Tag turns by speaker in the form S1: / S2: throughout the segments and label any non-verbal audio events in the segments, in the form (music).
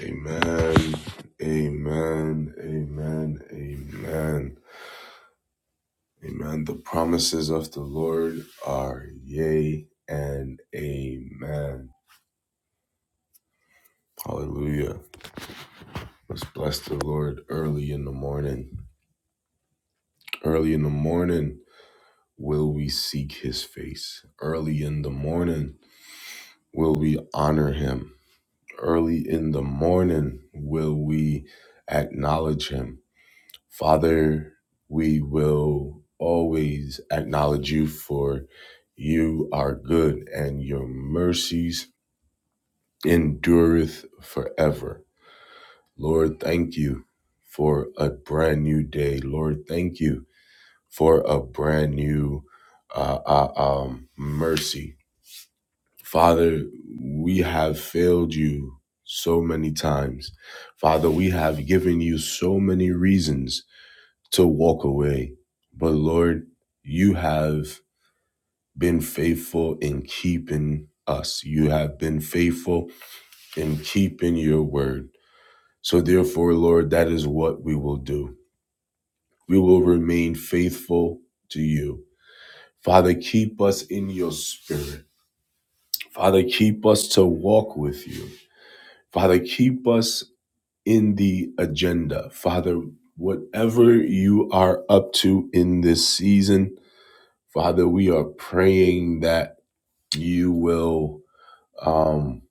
S1: Amen. Amen. Amen. Amen. Amen. The promises of the Lord are yea and amen. Hallelujah. Let's bless the Lord early in the morning. Early in the morning will we seek his face. Early in the morning will we honor him. Early in the morning will we acknowledge him Father, we will always acknowledge you for you are good and your mercies endureth forever. Lord, thank you for a brand new day. Lord, thank you for a brand new uh, uh, um, mercy. Father, we have failed you so many times. Father, we have given you so many reasons to walk away. But Lord, you have been faithful in keeping us. You have been faithful in keeping your word. So, therefore, Lord, that is what we will do. We will remain faithful to you. Father, keep us in your spirit. Father, keep us to walk with you. Father, keep us in the agenda. Father, whatever you are up to in this season, Father, we are praying that you will um,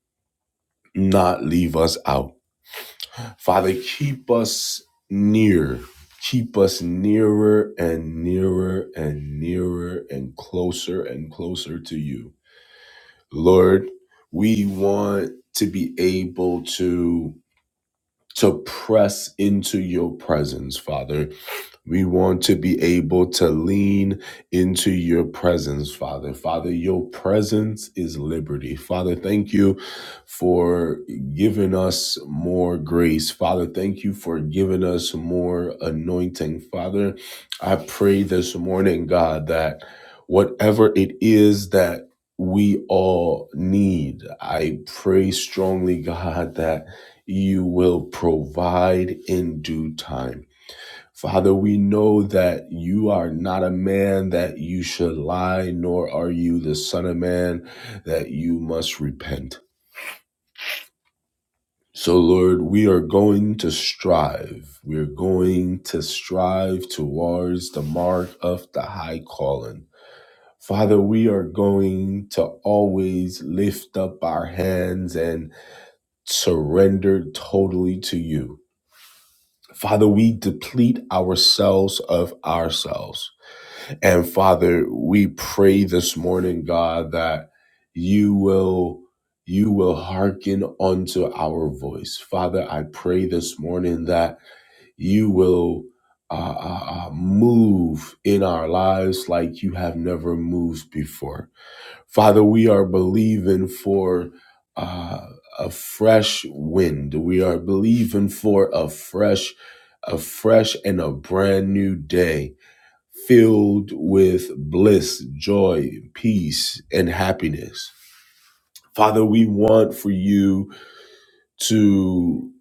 S1: not leave us out. Father, keep us near. Keep us nearer and nearer and nearer and closer and closer to you. Lord, we want to be able to to press into your presence, Father. We want to be able to lean into your presence, Father. Father, your presence is liberty. Father, thank you for giving us more grace. Father, thank you for giving us more anointing. Father, I pray this morning, God, that whatever it is that we all need, I pray strongly, God, that you will provide in due time. Father, we know that you are not a man that you should lie, nor are you the Son of Man that you must repent. So, Lord, we are going to strive. We're going to strive towards the mark of the high calling. Father, we are going to always lift up our hands and surrender totally to you. Father, we deplete ourselves of ourselves. And Father, we pray this morning, God, that you will you will hearken unto our voice. Father, I pray this morning that you will uh, uh, uh, move in our lives like you have never moved before. Father, we are believing for uh, a fresh wind. We are believing for a fresh, a fresh and a brand new day filled with bliss, joy, peace, and happiness. Father, we want for you to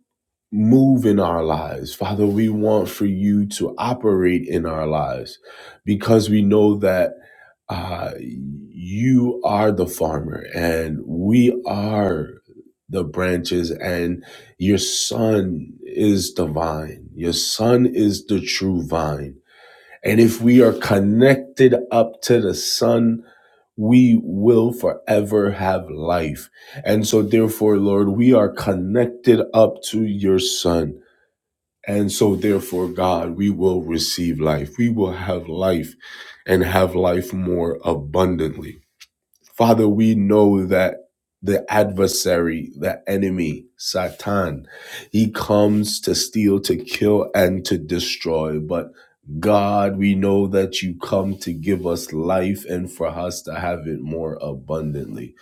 S1: move in our lives. Father, we want for you to operate in our lives because we know that uh, you are the farmer and we are the branches and your son is the vine. Your son is the true vine and if we are connected up to the Son, we will forever have life. And so, therefore, Lord, we are connected up to your Son. And so, therefore, God, we will receive life. We will have life and have life more abundantly. Father, we know that the adversary, the enemy, Satan, he comes to steal, to kill, and to destroy. But God, we know that you come to give us life and for us to have it more abundantly.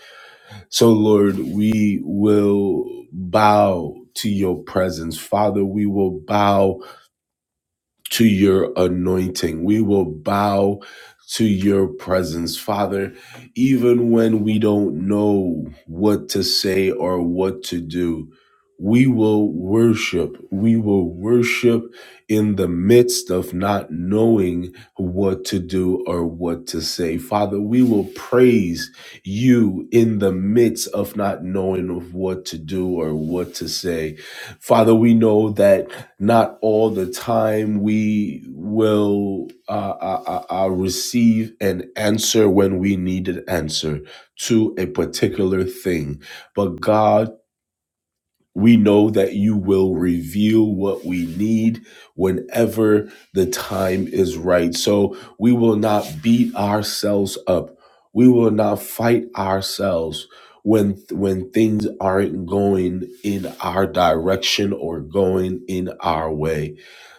S1: So, Lord, we will bow to your presence. Father, we will bow to your anointing. We will bow to your presence, Father, even when we don't know what to say or what to do. We will worship. We will worship in the midst of not knowing what to do or what to say. Father, we will praise you in the midst of not knowing of what to do or what to say. Father, we know that not all the time we will uh, uh, uh, uh, receive an answer when we need an answer to a particular thing. But God, we know that you will reveal what we need whenever the time is right. So we will not beat ourselves up. We will not fight ourselves when when things aren't going in our direction or going in our way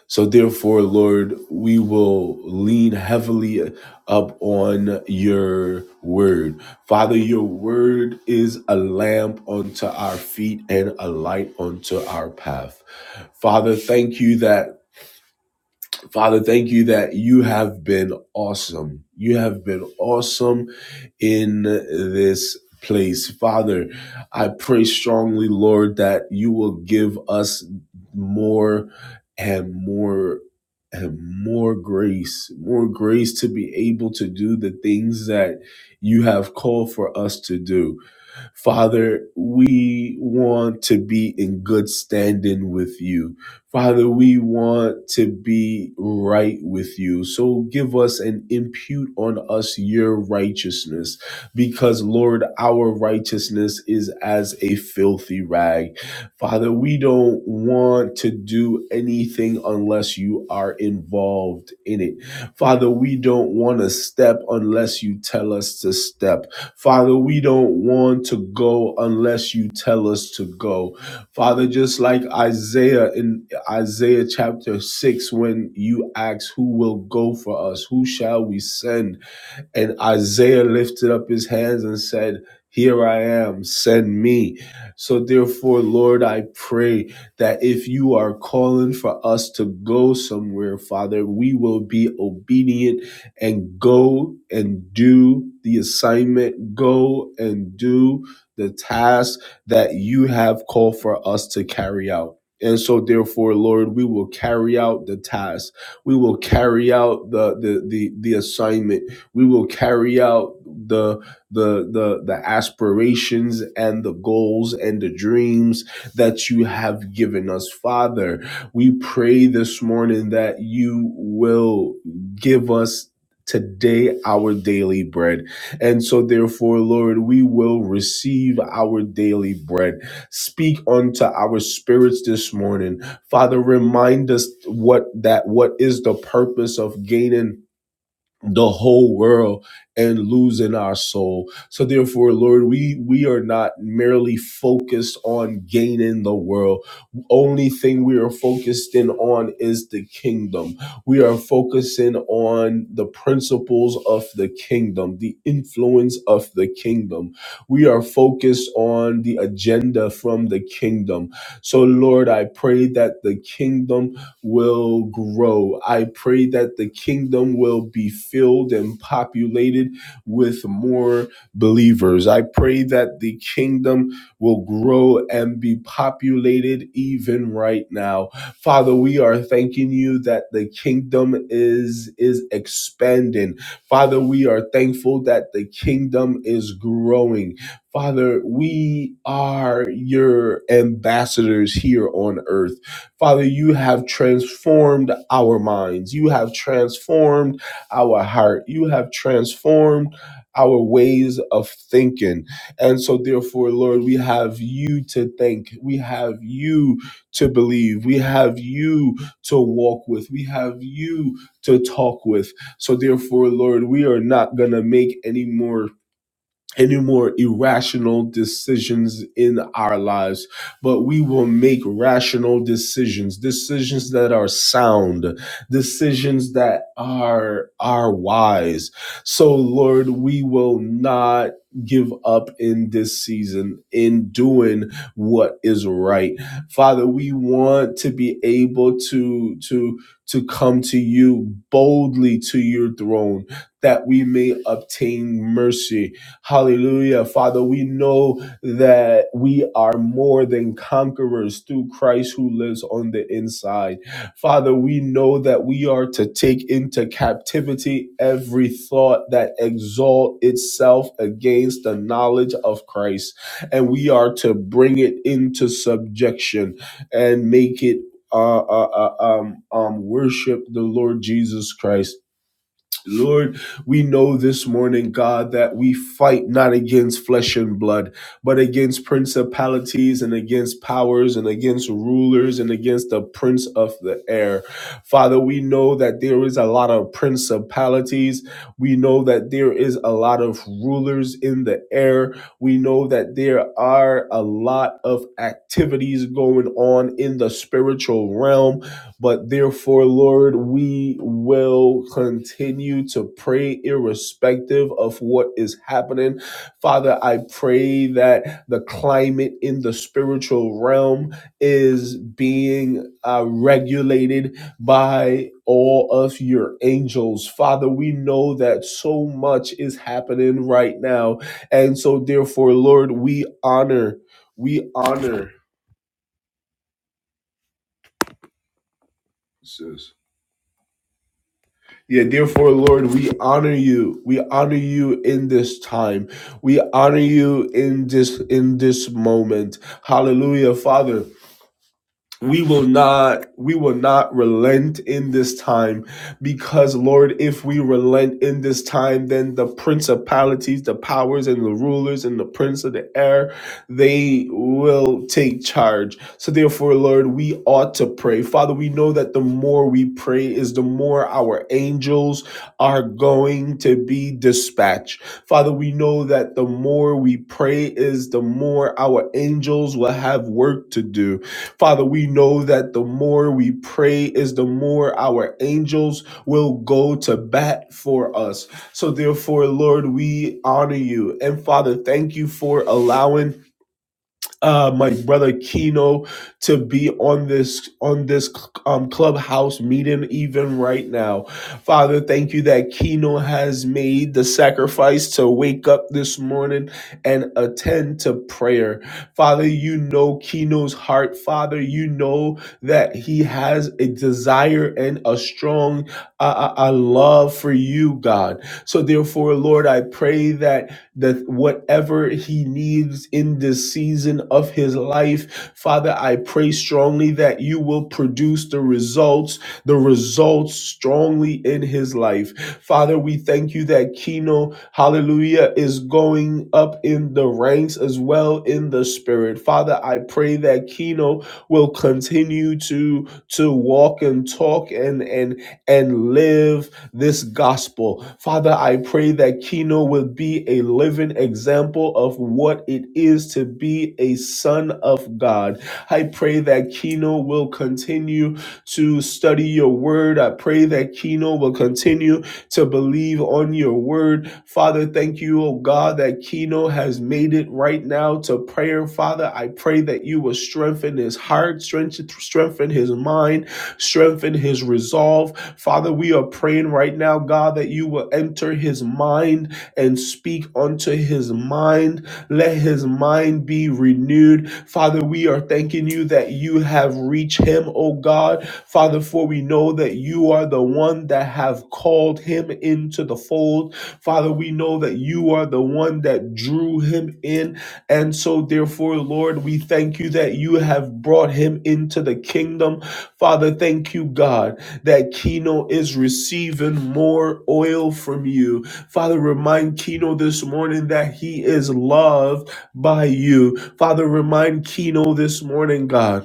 S1: so, therefore, Lord, we will lean heavily up on your word. Father, your word is a lamp unto our feet and a light unto our path. Father, thank you that. Father, thank you that you have been awesome. You have been awesome in this place. Father, I pray strongly, Lord, that you will give us more and more and more grace, more grace to be able to do the things that you have called for us to do. Father, we want to be in good standing with you. Father, we want to be right with you. So give us and impute on us your righteousness because, Lord, our righteousness is as a filthy rag. Father, we don't want to do anything unless you are involved in it. Father, we don't want to step unless you tell us to step. Father, we don't want to go unless you tell us to go. Father, just like Isaiah in Isaiah chapter 6, when you asked, Who will go for us? Who shall we send? And Isaiah lifted up his hands and said, Here I am, send me. So, therefore, Lord, I pray that if you are calling for us to go somewhere, Father, we will be obedient and go and do the assignment, go and do the task that you have called for us to carry out. And so, therefore, Lord, we will carry out the task. We will carry out the the the, the assignment we will carry out the the the the aspirations and the goals and the dreams that you have given us, Father. We pray this morning that you will give us today our daily bread. And so therefore, Lord, we will receive our daily bread. Speak unto our spirits this morning. Father, remind us what that what is the purpose of gaining the whole world and losing our soul. So therefore, Lord, we we are not merely focused on gaining the world. Only thing we are focused in on is the kingdom. We are focusing on the principles of the kingdom, the influence of the kingdom. We are focused on the agenda from the kingdom. So Lord, I pray that the kingdom will grow. I pray that the kingdom will be filled and populated with more believers. I pray that the kingdom will grow and be populated even right now. Father, we are thanking you that the kingdom is is expanding. Father, we are thankful that the kingdom is growing. Father, we are your ambassadors here on earth. Father, you have transformed our minds. You have transformed our heart. You have transformed our ways of thinking. And so, therefore, Lord, we have you to thank. We have you to believe. We have you to walk with. We have you to talk with. So, therefore, Lord, we are not going to make any more any more irrational decisions in our lives, but we will make rational decisions, decisions that are sound, decisions that are are wise. So Lord, we will not give up in this season in doing what is right. Father, we want to be able to to to come to you boldly to your throne that we may obtain mercy Hallelujah. Father, we know that we are more than conquerors through Christ who lives on the inside. Father, we know that we are to take into captivity every thought that exalt itself against the knowledge of Christ. And we are to bring it into subjection and make it uh, uh, uh, um, um, worship the Lord Jesus Christ. Lord, we know this morning, God, that we fight not against flesh and blood, but against principalities and against powers and against rulers and against the prince of the air. Father, we know that there is a lot of principalities. We know that there is a lot of rulers in the air. We know that there are a lot of activities going on in the spiritual realm but therefore, Lord, we will continue to pray irrespective of what is happening. Father, I pray that the climate in the spiritual realm is being uh, regulated by all of your angels. Father, we know that so much is happening right now. And so, therefore, Lord, we honor, we honor. Sis. Yeah, therefore, Lord, we honor you. We honor you in this time. We honor you in this in this moment. Hallelujah, Father we will not we will not relent in this time because lord if we relent in this time then the principalities the powers and the rulers and the prince of the air they will take charge so therefore lord we ought to pray father we know that the more we pray is the more our angels are going to be dispatched father we know that the more we pray is the more our angels will have work to do Father, we know that the more we pray is the more our angels will go to bat for us. So therefore, Lord, we honor you. And Father, thank you for allowing uh, my brother Kino to be on this on this um, clubhouse meeting even right now. Father, thank you that Kino has made the sacrifice to wake up this morning and attend to prayer. Father, you know Kino's heart. Father, you know that he has a desire and a strong uh, uh, uh, love for you, God. So therefore, Lord, I pray that that whatever he needs in this season of his life, Father, I pray strongly that you will produce the results, the results strongly in his life. Father, we thank you that Kino, hallelujah, is going up in the ranks as well in the spirit. Father, I pray that Kino will continue to to walk and talk and and and live this gospel. Father, I pray that Kino will be a living example of what it is to be a son of God. I pray that Kino will continue to study your word. I pray that Kino will continue to believe on your word. Father, thank you, oh God, that Kino has made it right now to prayer. Father, I pray that you will strengthen his heart, strength- strengthen his mind strengthen his resolve. Father, we are praying right now, God, that you will enter his mind and speak unto his mind. Let his mind be renewed. Father, we are thanking you that you have reached him, O God. Father, for we know that you are the one that have called him into the fold. Father, we know that you are the one that drew him in. And so, therefore, Lord, we thank you that you have brought him into the kingdom. Father, thank you, God, that Keno is receiving more oil from you. Father, remind Keno this morning that he is loved by you. Father, remind Keno this morning, God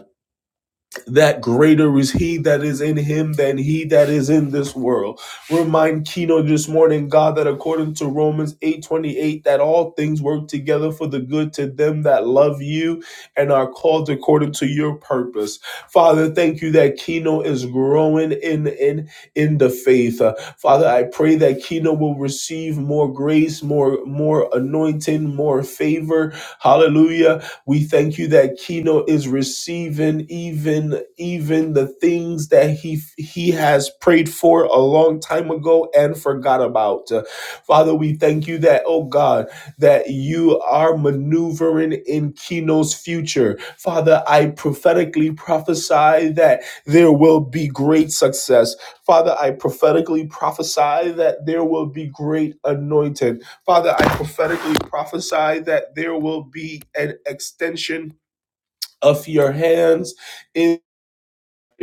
S1: that greater is he that is in him than he that is in this world. Remind Kino this morning, God, that according to Romans 8:28, that all things work together for the good to them that love you and are called according to your purpose. Father, thank you that Kino is growing in in in the faith. Uh, Father, I pray that Kino will receive more grace, more more anointing, more favor. Hallelujah we thank you that Keno is receiving even even the things that he he has prayed for a long time ago and forgot about. Uh, Father, we thank you that oh God, that you are maneuvering in Keno's future. Father, I prophetically prophesy that there will be great success. Father, I prophetically prophesy that there will be great anointing. Father, I prophetically prophesy that there will be an extension of your hands in.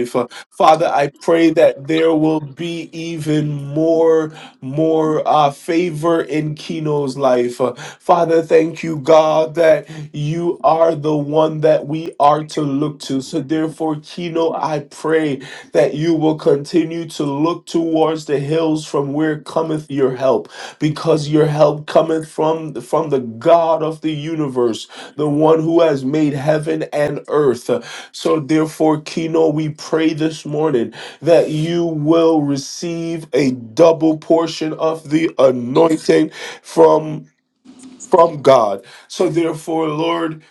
S1: Fa- Father, I pray that there will be even more, more uh, favor in Keno's life. Uh, Father, thank you, God, that you are the one that we are to look to. So, therefore, Keno, I pray that you will continue to look towards the hills from where cometh your help, because your help cometh from from the God of the universe, the one who has made heaven and earth. So, therefore, Kino, we pray this morning that you will receive a double portion of the anointing from from God. So, therefore, Lord,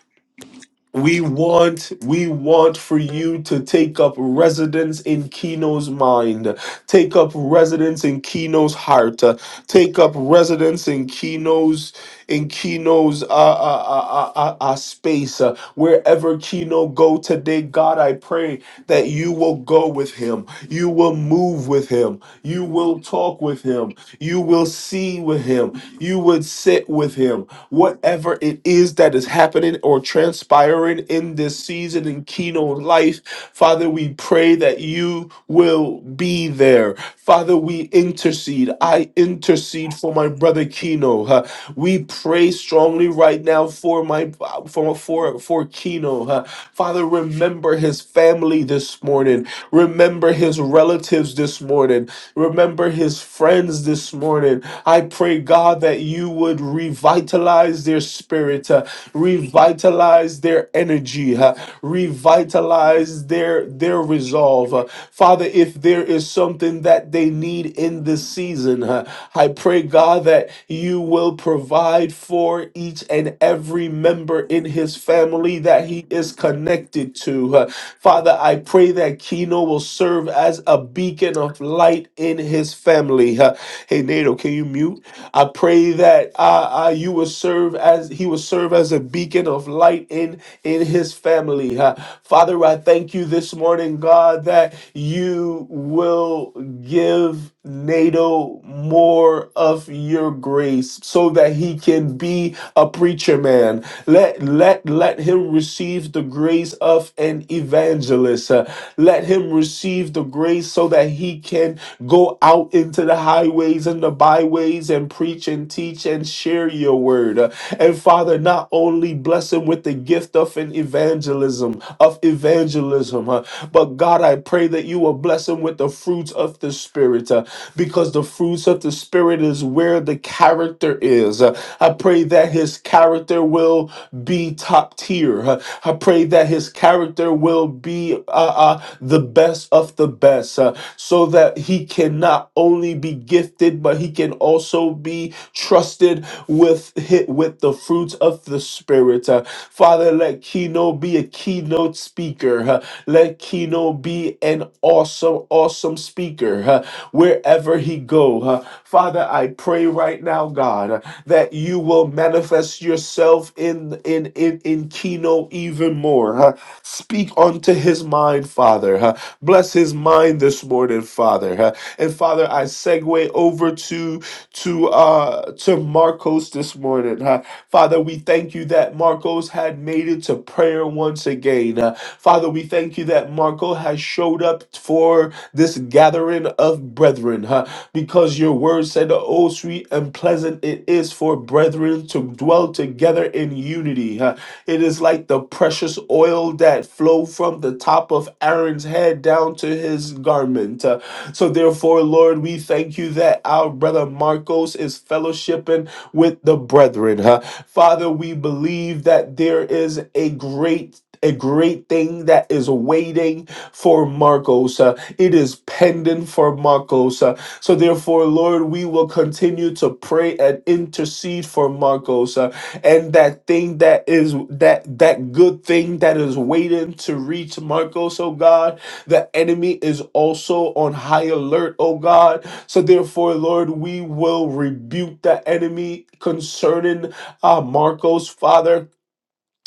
S1: we want we want for you to take up residence in Kino's mind, take up residence in Kino's heart, uh, take up residence in Kino's in Kino's uh, uh, uh, uh, uh, uh, space. Uh, wherever Kino go today, God, I pray that you will go with him, you will move with him, you will talk with him, you will see with him, you would sit with him. Whatever it is that is happening or transpiring in this season in keynote life, Father, we pray that you will be there. Father, we intercede. I intercede for my brother Kino. huh. we pray strongly right now for my for for for Kino. huh. Father, remember his family this morning. Remember his relatives this morning. Remember his friends this morning. I pray, God, that you would revitalize their spirit, uh, revitalize their energy, uh, revitalize their, their resolve. Uh, Father, if there is something that they need in this season, uh, I pray, God, that you will provide for each and every member member in his family that he is connected to. Uh, Father, I pray that Keno will serve as a beacon of light in his family. Uh, hey, Nato, can you mute? I pray that uh, uh, you will serve as he will serve as a beacon of light in in his family. Uh, Father, I thank you this morning, God, that you will give NATO more of your grace so that he can can be a preacher man. Let let let him receive the grace of an evangelist. Uh, let him receive the grace so that he can go out into the highways and the byways and preach and teach and share your word. Uh, And Father, not only bless him with the gift of an evangelism, of evangelism, uh, but God, I pray that you will bless him with the fruits of the Spirit, uh, because the fruits of the Spirit is wisdom, where the character is. Uh, I pray that his character will be top tier. Uh, I pray that his character will be uh, uh, the best of the best uh, so that he can not only be gifted, but he can also be trusted with, hit with the fruits of the Spirit. Uh, Father, let Kino be a keynote speaker. huh. Let Kino be an awesome, awesome speaker huh, wherever he go. huh. Father, I pray right now, God, that you will manifest yourself in in in, in Keno even more. huh? Speak unto his mind, Father. huh? Bless his mind this morning, Father. huh? And Father, I segue over to to uh to Marcos this morning. huh? Father, we thank you that Marcos had made it to prayer once again. Uh, Father, we thank you that Marco has showed up for this gathering of brethren. huh? because your word said, Oh, sweet and pleasant it is for brethren to dwell together in unity. Uh, It is like the precious oil that flowed from the top of Aaron's head down to his garment. Uh, So, therefore, Lord, we thank you that our brother Marcos is fellowshipping with the brethren. huh? Father, we believe that there is a great a great thing that is waiting for Marcos. uh, it is pending for Marcos. Huh? So, therefore, Lord, we will continue to pray and intercede for Marcos uh, and that thing that is that that good thing that is waiting to reach Marcos, oh God. The enemy is also on high alert, oh God. So, therefore, Lord, we will rebuke the enemy concerning uh, Marcos, Father.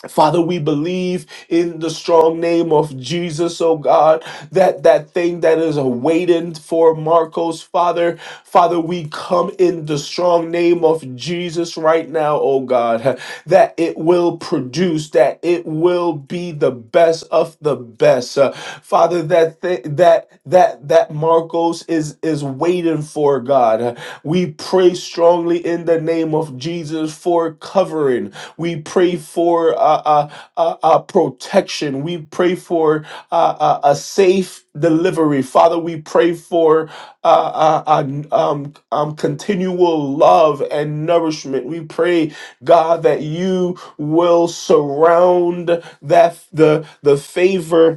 S1: Father, we believe in the strong name of Jesus, oh God, that that thing that is awaiting for Marcos, Father, Father, we come in the strong name of Jesus right now, oh God, that it will produce, that it will be the best of the best. Uh, Father, that thi- that that that Marcos is is waiting for, God. We pray strongly in the name of Jesus for covering we pray for uh, uh, uh, uh, protection. We pray for uh, uh, a safe delivery. Father, we pray for uh, uh, uh, n- um, um, continual love and nourishment. We pray, God, that you will surround that the the favor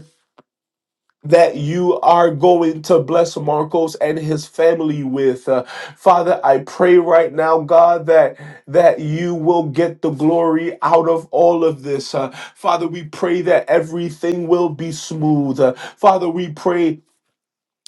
S1: that you are going to bless Marcos and his family with. Uh, Father, I pray right now, God, that that you will get the glory out of all of this. Uh, Father, we pray that everything will be smooth. Uh, Father, we pray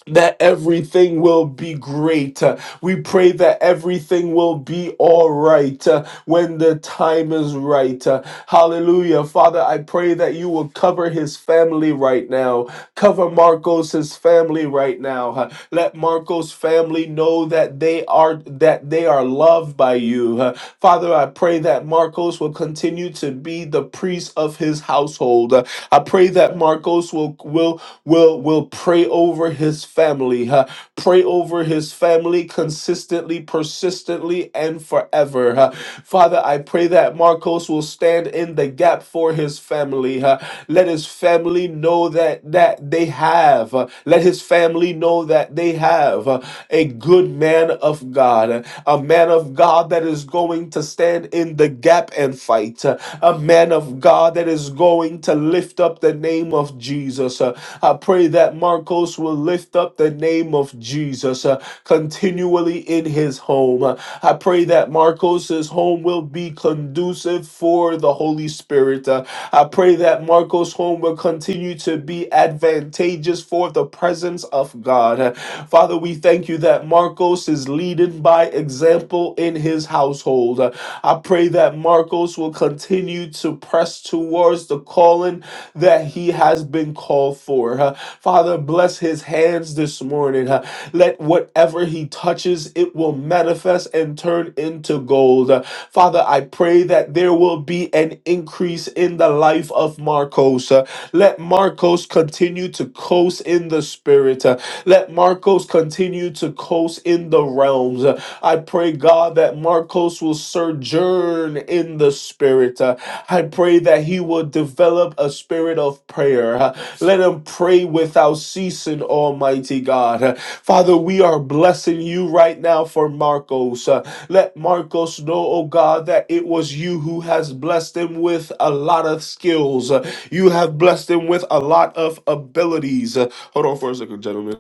S1: that everything will be great. Uh, We pray that everything will be all right uh, when the time is right. Uh, Hallelujah. Father, I pray that you will cover his family right now. Cover Marcos his family right now. Uh, Let Marcos family know that they are that they are loved by you. Uh, Father, I pray that Marcos will continue to be the priest of his household. Uh, I pray that Marcos will will will will pray over his family huh? pray over his family consistently persistently and forever huh? father i pray that marcos will stand in the gap for his family huh? let his family know that that they have uh, let his family know that they have uh, a good man of god uh, a man of god that is going to stand in the gap and fight uh, a man of god that is going to lift lift up the name of Jesus. Uh, I pray that Marcos will lift up the name of Jesus uh, continually in his home. Uh, I pray that Marcos's home will be conducive for the Holy Spirit. Uh, I pray that Marcos' home will continue to be advantageous for the presence of God. Uh, Father, we thank you that Marcos is leading by example in his household fold. Uh, I pray that Marcos will continue to press towards the calling that he has been called for. Uh, Father, bless his hands this morning. Uh, Let whatever he touches, it will manifest and turn into gold. Uh, Father, I pray that there will be an increase in the life of Marcos. Uh, Let Marcos continue to coast in the spirit. Uh, Let Marcos Marcos continue to coast in the realms. Uh, I pray, God, that Marcos will sojourn in the spirit. Uh, I pray that he will develop a spirit of prayer. Uh, Let him pray without ceasing, Almighty God. Uh, Father, we are blessing you right now for Marcos. Uh, Let Marcos know, oh God, that it was you who has blessed him with a lot of skills. Uh, You have blessed him with a lot of abilities. Uh, Hold on for a second, gentlemen.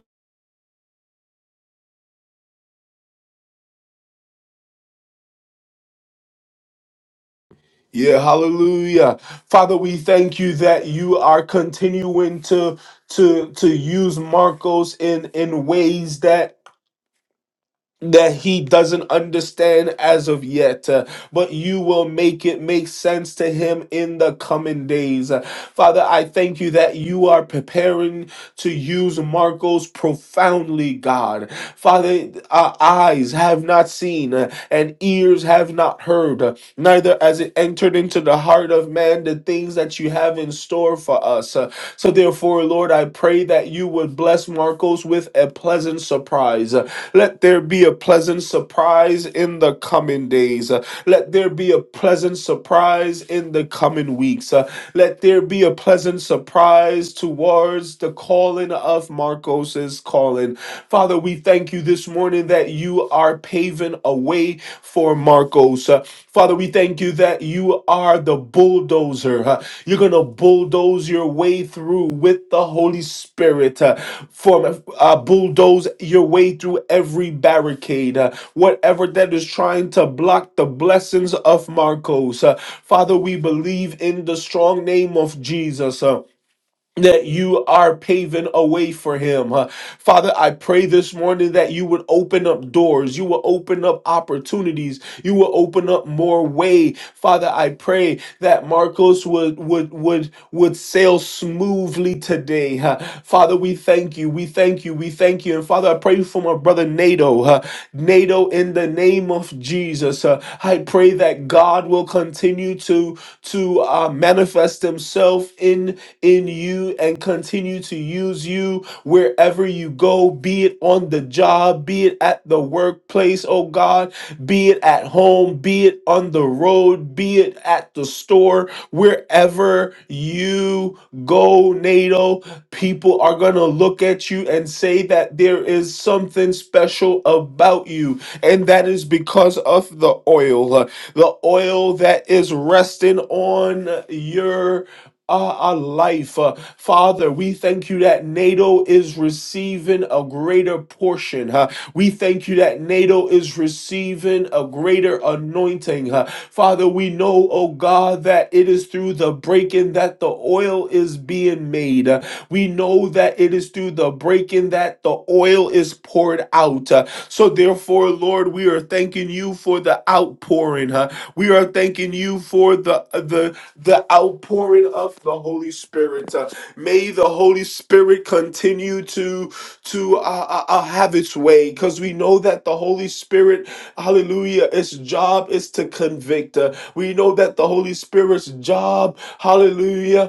S1: Yeah, hallelujah. Father, we thank you that you are continuing to to to use Marcos in in ways that that he doesn't understand as of yet, uh, but you will make it make sense to him in the coming days. Uh, Father, I thank you that you are preparing to use Marcos profoundly, God. Father, our eyes have not seen uh, and ears have not heard, uh, neither has it entered into the heart of man the things that you have in store store for us. Uh, So, therefore, Lord, I pray that you would bless Marcos with a pleasant surprise. Uh, Let there be a pleasant surprise in the coming days. Uh, Let there be a pleasant surprise in the coming weeks. Uh, Let there be a pleasant surprise towards the calling of Marcos's calling. Father, we thank you this morning that you are paving a way for Marcos. Uh, Father, we thank you that you are the bulldozer. Uh, You're going to bulldoze your way through with the Holy Spirit. Uh, For uh, bulldoze your way through every barricade, uh, whatever that is trying to block the blessings of Marcos. Uh, Father, we believe in the strong name of Jesus. Uh, that you are paving a way for him. Uh, Father, I pray this morning that you would open up doors, you will open up opportunities, you will open up more way. Father, I pray that Marcos would would would would sail smoothly today. Uh, Father, we thank you. We thank you. We thank you you. And Father, I pray for my brother Nato. Uh, Nato, in the name of Jesus, uh, I pray that God will continue to to uh, manifest Himself in in you and continue to use you wherever you go, be it on the job, be it at the workplace, oh God, be it at home, be it on the road, be it at the store, wherever you go, NATO. People are going to look at you and say that there is something special about you, and that is because of the oil, uh, the oil that is resting on your our, our life. Uh, Father, we thank you that NATO is receiving a greater portion. huh? We thank you that NATO is receiving a greater anointing. huh? Father, we know, oh God, that it is through the breaking that the oil is being made. Uh, We know that it is through the breaking that the oil is poured out. Uh, So therefore, therefore, Lord, we are thanking you for the outpouring. huh? We are thanking you for the the the outpouring of the Holy Spirit. huh? may the Holy Spirit continue to to uh, uh, uh, have its way, because we know that the Holy Spirit, Hallelujah, its job is to convict. uh, we know that the Holy Spirit's job, Hallelujah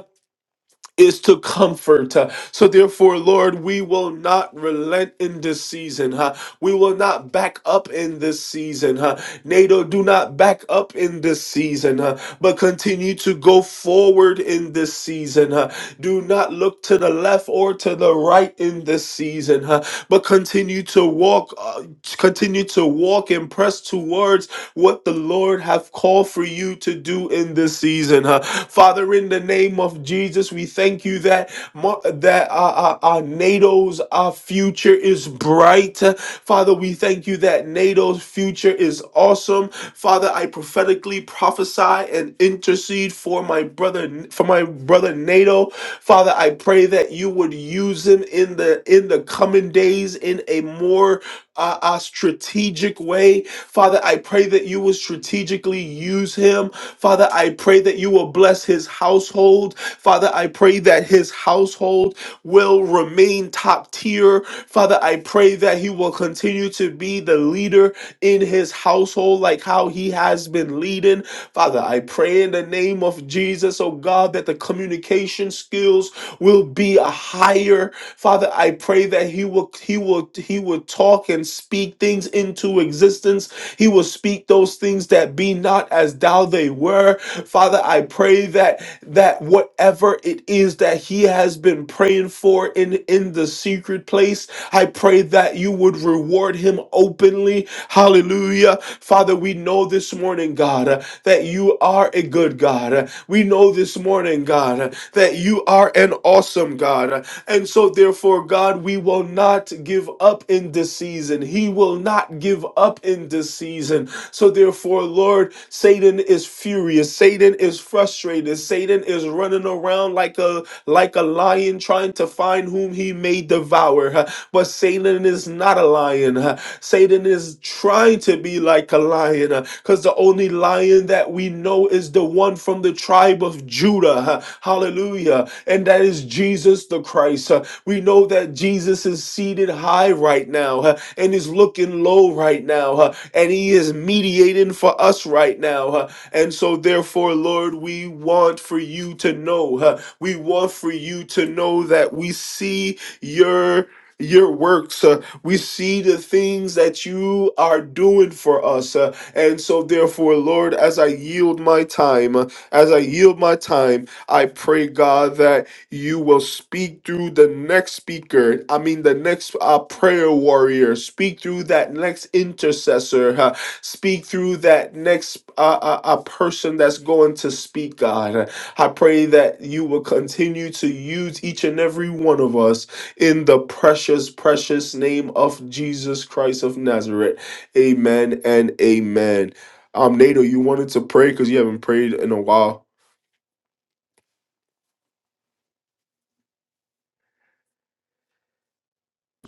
S1: is to comfort. Uh, So therefore, Lord, we will not relent in this season. Huh? We will not back up in this season. Huh? NATO, do not back up in this season, huh? but continue to go forward in this season. Huh? Do not look to the left or to the right in this season, huh? but continue to walk, uh, continue to walk and press towards what the Lord have called for you to do in this season. Huh? Father, in the name of of Jesus. We thank you that mo- that our, our, our NATO's our future is bright. Father, we thank you that NATO's future is awesome. Father, I prophetically prophesy and intercede for my brother for my brother NATO. Father, I pray that you would use him in the in the coming days in a more uh, uh, strategic way. Father, I pray that you will strategically use him. Father, I pray that you will bless his household. Father, I pray that his household will remain top tier. Father, I pray that he will continue to be the leader in his household, like how he has been leading. Father, I pray in the name of Jesus, oh God, that the communication skills will be a higher. Father, I pray that he will he will he will talk and speak things into existence. He will speak those things that be not as thou they were. Father, I I pray that that whatever it is that he has been praying for in in the secret place, I pray that you would reward him openly. Hallelujah. Father, we know this morning, God, uh, that you are a good God. Uh, We know this morning, God, uh, that you are an awesome God. Uh, And so therefore, God, we will not give up in this season. He will not give up in this season. So therefore, Lord, Satan is furious Hallelujah. Satan is frustrated. Satan is running around like a like a lion trying to find whom he may devour. huh. But Satan is not a lion. huh. Satan is trying to be like a lion because the only lion that we know is the one from the tribe of Judah. huh. Hallelujah. And that is Jesus the Christ. huh. We know that Jesus is seated high right now huh, and is looking low right now huh, and he is mediating for us right now. huh. And so, therefore, Lord, we want for you to know. huh, we want for you to know that we see your your works uh, we see the things that you are doing for us uh, and so therefore lord as i yield my time uh, as i yield my time i pray god that you will speak through the next speaker i mean the next uh, prayer warrior speak through that next intercessor huh? Speak through that next uh, uh, uh, person that's going to speak, God. I pray that you will continue to use each and every one of us in the precious, precious name of Jesus Christ of Nazareth. Amen and amen. Um, Nato, you wanted to pray because you haven't prayed in a while.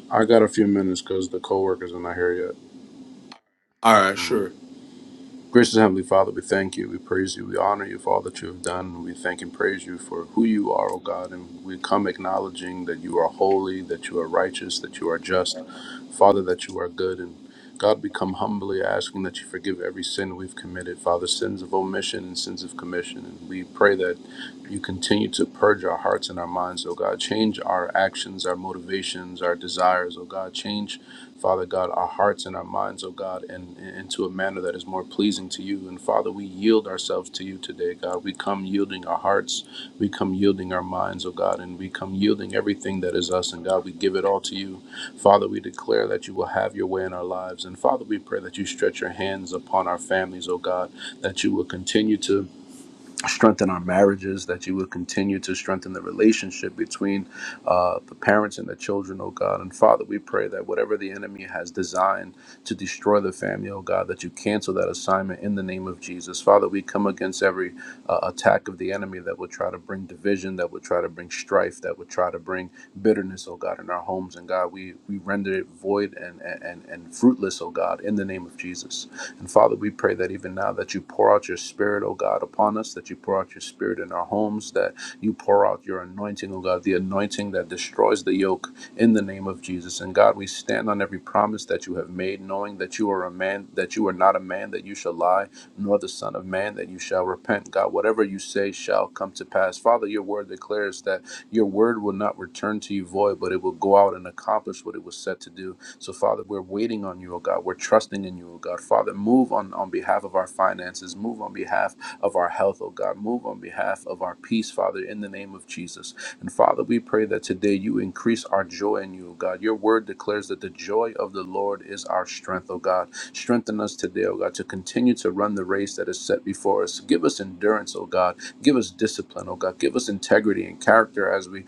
S2: I got a few minutes because the co-workers are not here yet.
S1: All right,
S2: Mm.
S1: sure.
S2: Gracious Heavenly Father, we thank you, we praise you, we honor you for all that you have done. We thank and praise you for who you are, O God, and we come acknowledging that you are holy, that you are righteous, that you are just, Father, that you are good. And God, we come humbly asking that you forgive every sin we've committed, Father, sins of omission and sins of commission. And we pray that you continue to purge our hearts and our minds, oh God. Change our actions, our motivations, our desires, oh God. Change, Father God, our hearts and our minds, oh God, and into a manner that is more pleasing to you. And Father, we yield ourselves to you today, God. We come yielding our hearts, we come yielding our minds, oh God, and we come yielding everything that is us. And God, we give it all to you. Father, we declare that you will have your way in our lives. And Father, we pray that you stretch your hands upon our families, oh God, that you will continue to strengthen our marriages, that you would continue to strengthen the relationship between uh, the parents and the children, oh God. And Father, we pray that whatever the enemy has designed to destroy the family, oh God, that you cancel that assignment in the name of Jesus. Father, we come against every uh, attack of the enemy that would try to bring division, that would try to bring strife, that would try to bring bitterness, oh God, in our homes. And God, we, we render it void and, and, and fruitless, oh God, in the name of Jesus. And Father, we pray that even now that you pour out your spirit, oh God, upon us, that you pour out your spirit in our homes, that you pour out your anointing, oh God, the anointing that destroys the yoke in the name of Jesus. And God, we stand on every promise that you have made, knowing that you are a man, that you are not a man that you shall lie, nor the Son of Man that you shall repent. God, whatever you say shall come to pass. Father, your word declares that your word will not return to you void, but it will go out and accomplish what it was set to do. So, Father, we're waiting on you, O God. We're trusting in you, O God. Father, move on, on behalf of our finances, move on behalf of our health, O God. Move on behalf of our peace, Father, in the name of Jesus. And Father, we pray that today you increase our joy in you, O God. Your word declares that the joy of the Lord is our strength, O God. Strengthen us today, O God, to continue to run the race that is set before us. Give us endurance, O God. Give us discipline, O God. Give us integrity and character as we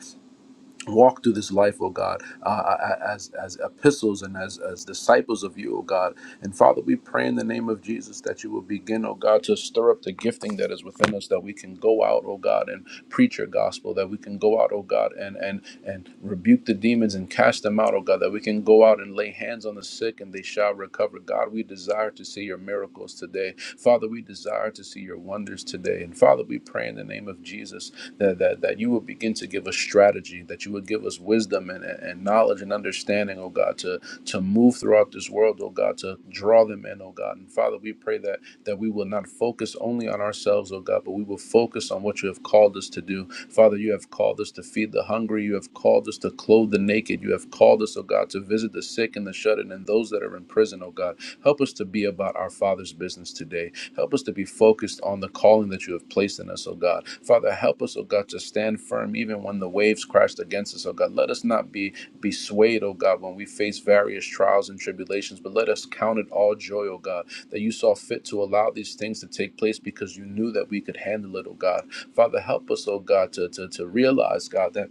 S2: walk through this life, oh God, uh, uh, uh, as as epistles and as as disciples of you, oh God. And Father, we pray in the name of Jesus that you will begin, oh God, to stir up the gifting that is within us, that we can go out, oh God, and preach your gospel, that we can go out, oh God, and and and rebuke the demons and cast them out, oh God, that we can go out and lay hands on the sick and they shall recover. God, we desire to see your miracles today. Father, we desire to see your wonders today. And Father, we pray in the name of Jesus that, that, that you would begin to give us strategy, that you would give us wisdom and, and knowledge and understanding, oh God, to, to move throughout this world, oh God, to draw them in, oh God. And Father, we pray that that we will not focus only on ourselves, oh God, but we will focus on what you have called us to do. Father, you have called us to feed the hungry, you have called us to clothe the naked, you have called us, oh God, to visit the sick and the shut in and those that are in prison, oh God. Help us to be about our Father's business today. Help us to be focused on the calling that you have placed in us, oh God. Father, help us, oh God, to stand firm even when the waves crashed against us, oh God. Let us not be be swayed, oh God, when we face various trials and tribulations, but let us count it all joy, oh God, that you saw fit to allow these things to take place because you knew that we could handle it, oh God. Father, help us, oh God, to, to, to realize, God, that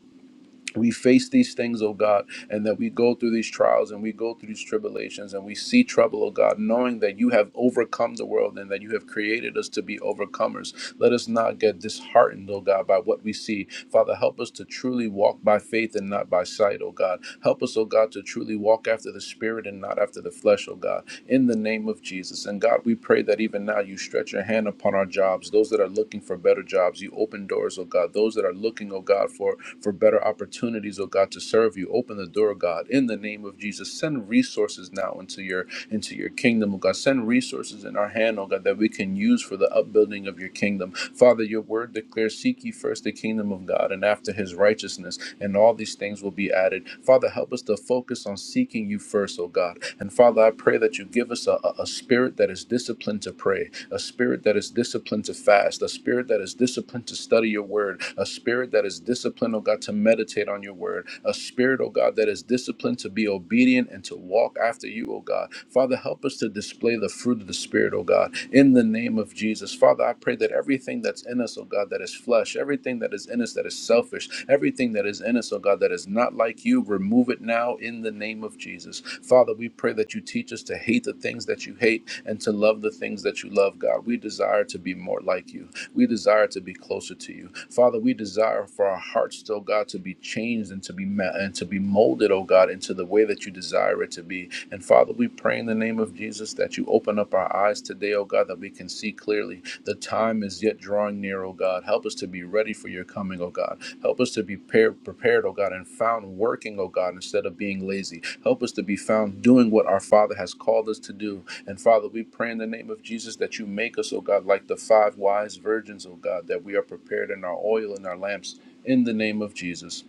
S2: we face these things, oh God, and that we go through these trials and we go through these tribulations and we see trouble, oh God, knowing that you have overcome the world and that you have created us to be overcomers let us not get disheartened, oh God, by what we see. Father, help us to truly walk by faith and not by sight, oh God. Help us, oh God, to truly walk after the Spirit and not after the flesh, oh God, in the name of Jesus. And God, we pray that even now you stretch your hand upon our jobs, those that are looking for better jobs, you open doors, oh God, those that are looking, oh God, for, for better opportunities, oh God, to serve you, open the door, God, in the name of Jesus. Send resources now into your into your kingdom, oh God. Send resources in our hand, oh God, that we can use for the upbuilding of your kingdom. Father, your word declares, Seek ye first the kingdom of God and after his righteousness, and all these things will be added. Father, help us to focus on seeking you first, oh God. And Father, I pray that you give us a, a a spirit that is disciplined to pray, a spirit that is disciplined to fast, a spirit that is disciplined to study your word, a spirit that is disciplined, oh God, to meditate on your word, a spirit, oh God, that is disciplined to be obedient obedient and to walk after you, O God. Father, help us to display the fruit of the Spirit, O God, in the name of Jesus. Father, I pray that everything that's in us, O God, that is flesh, everything that is in us that is selfish, everything that is in us, O God, that is not like you, remove it now in the name of Jesus. Father, we pray that you teach us to hate the things that you hate and to love the things that you love, God. We desire to be more like you. We desire to be closer to you. Father, we desire for our hearts, still, God, to be changed and to be to be ma- and to be molded, oh God, into the way that you desire it to be. And Father, we pray in the name of Jesus that you open up our eyes today, oh God, that we can see clearly. The time is yet drawing near, oh God. Help us to be ready for your coming, oh God. Help us to be par- prepared, oh God, and found working, oh God, instead of being lazy. Help us to be found doing what our Father has called us to do. And Father, we pray in the name of Jesus that you make us, oh God, like the five wise virgins, oh God, that we are prepared in our oil and our lamps in the name of Jesus.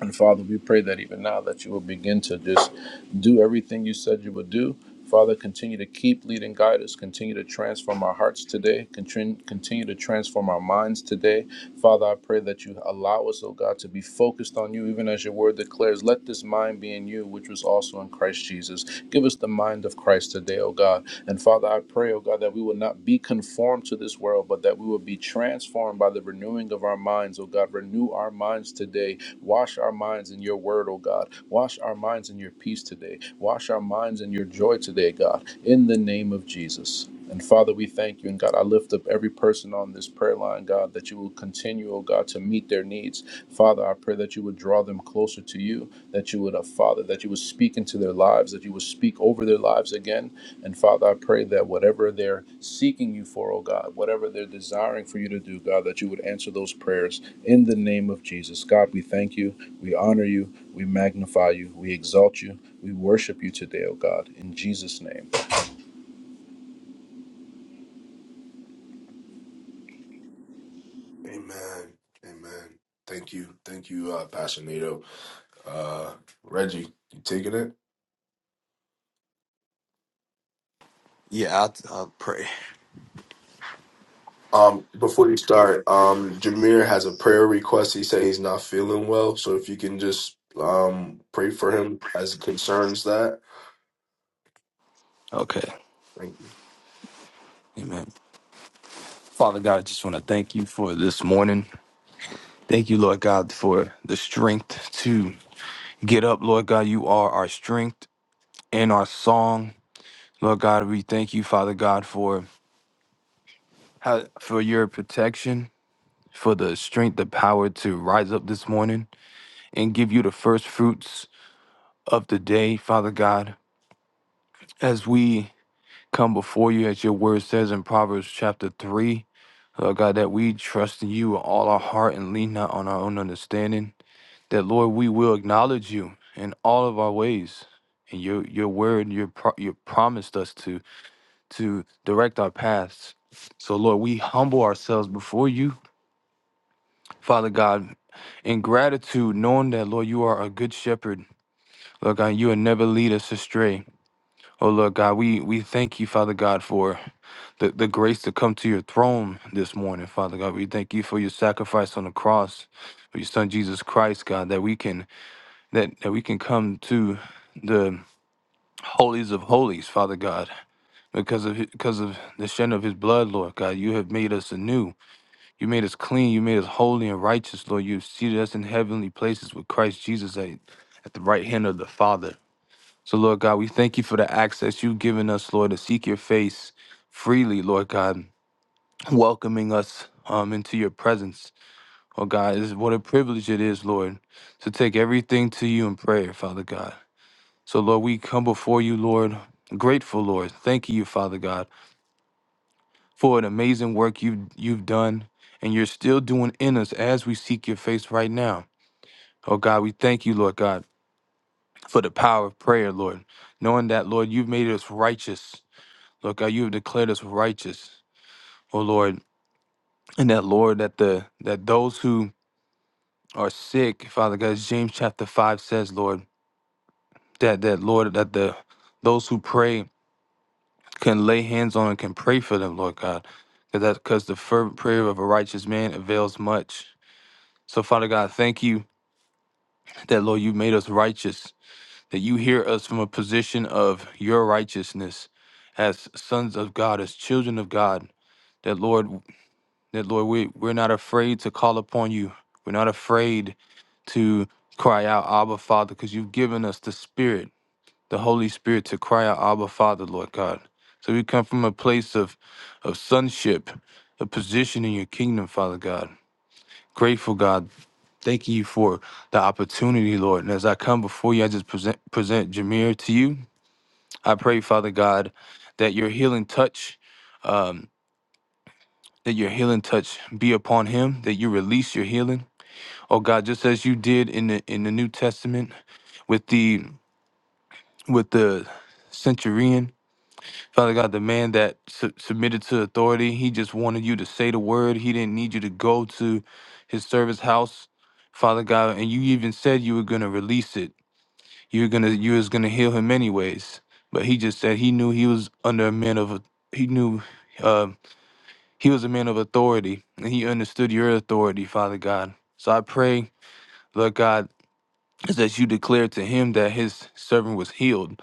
S2: And Father, we pray that even now that you will begin to just do everything you said you would do. Father, continue to keep leading, guide us. Continue to transform our hearts today. Continue, continue to transform our minds today. Father, I pray that you allow us, oh God, to be focused on you, even as your word declares, let this mind be in you, which was also in Christ Jesus. Give us the mind of Christ today, oh God. And Father, I pray, oh God, that we will not be conformed to this world, but that we will be transformed by the renewing of our minds, oh God. Renew our minds today. Wash our minds in your word, oh God. Wash our minds in your peace today. Wash our minds in your joy today, God. In the name of Jesus. And Father, we thank you. And God, I lift up every person on this prayer line, God, that you will continue, oh God, to meet their needs. Father, I pray that you would draw them closer to you, that you would, uh, Father, that you would speak into their lives, that you would speak over their lives again. And Father, I pray that whatever they're seeking you for, oh God, whatever they're desiring for you to do, God, that you would answer those prayers in the name of Jesus. God, we thank you. We honor you. We magnify you. We exalt you. We worship you today, oh God, in Jesus' name.
S1: Amen. Amen. Thank you. Thank you, uh, Pastor Nato. Uh, Reggie, you taking it?
S3: Yeah, I'll, I'll pray.
S1: Um, before you start, um, Jameer has a prayer request. He said he's not feeling well, so if you can just um pray for him as it concerns that.
S3: Okay.
S1: Thank you.
S3: Amen. Father God, I just want to thank you for this morning. Thank you, Lord God, for the strength to get up. Lord God, you are our strength and our song. Lord God, we thank you, Father God, for how, for your protection, for the strength, the power to rise up this morning and give you the first fruits of the day, Father God. As we come before you as your word says in Proverbs chapter 3. Lord God, that we trust in you with all our heart and lean not on our own understanding. That, Lord, we will acknowledge you in all of our ways. And your your word, your pro- you promised us to to direct our paths. So, Lord, we humble ourselves before you, Father God, in gratitude, knowing that, Lord, you are a good shepherd. Lord God, you will never lead us astray. Oh, Lord God, we, we thank you, Father God, for the, the grace to come to your throne this morning, Father God. We thank you for your sacrifice on the cross, for your son Jesus Christ, God, that we can that, that we can come to the holies of holies, Father God. Because of hi- because of the shed of his blood, Lord God, you have made us anew. You made us clean. You made us holy and righteous, Lord. You have seated us in heavenly places with Christ Jesus at, at the right hand of the Father. So, Lord God, we thank you for the access you've given us, Lord, to seek your face freely, Lord God welcoming us um, into your presence. Oh God, is what a privilege it is, Lord, to take everything to you in prayer, Father God. So Lord, we come before you, Lord, grateful, Lord. Thank you, Father God, for an amazing work you've you've done and you're still doing in us as we seek your face right now. Oh God, we thank you, Lord God, for the power of prayer, Lord. Knowing that, Lord, you've made us righteous. Lord God, you have declared us righteous. Oh Lord, and that Lord, that the that those who are sick, Father God. as James chapter five says, Lord, that that Lord that the those who pray can lay hands on and can pray for them, Lord God, because that because the fervent prayer of a righteous man avails much. So Father God, thank you that Lord you made us righteous, that you hear us from a position of your righteousness, as sons of God, as children of God. That Lord. That Lord, we we're not afraid to call upon you. We're not afraid to cry out, Abba Father, because you've given us the Spirit, the Holy Spirit, to cry out, Abba Father, Lord God. So we come from a place of of sonship, a position in your kingdom, Father God. Grateful God, thanking you for the opportunity, Lord. And as I come before you, I just present present Jameer to you. I pray, Father God, that your healing touch, um, that your healing touch be upon him, that you release your healing Oh God, just as you did in the in the New Testament with the with the centurion, Father God, the man that su- submitted to authority, he just wanted you to say the word. He didn't need you to go to his service house, Father God, and you even said you were gonna release it. You're gonna you was gonna heal him anyways. But he just said he knew he was under a man of he knew uh, he was a man of authority and he understood your authority, Father God. So I pray. Lord God. is that you declared to him that his servant was healed.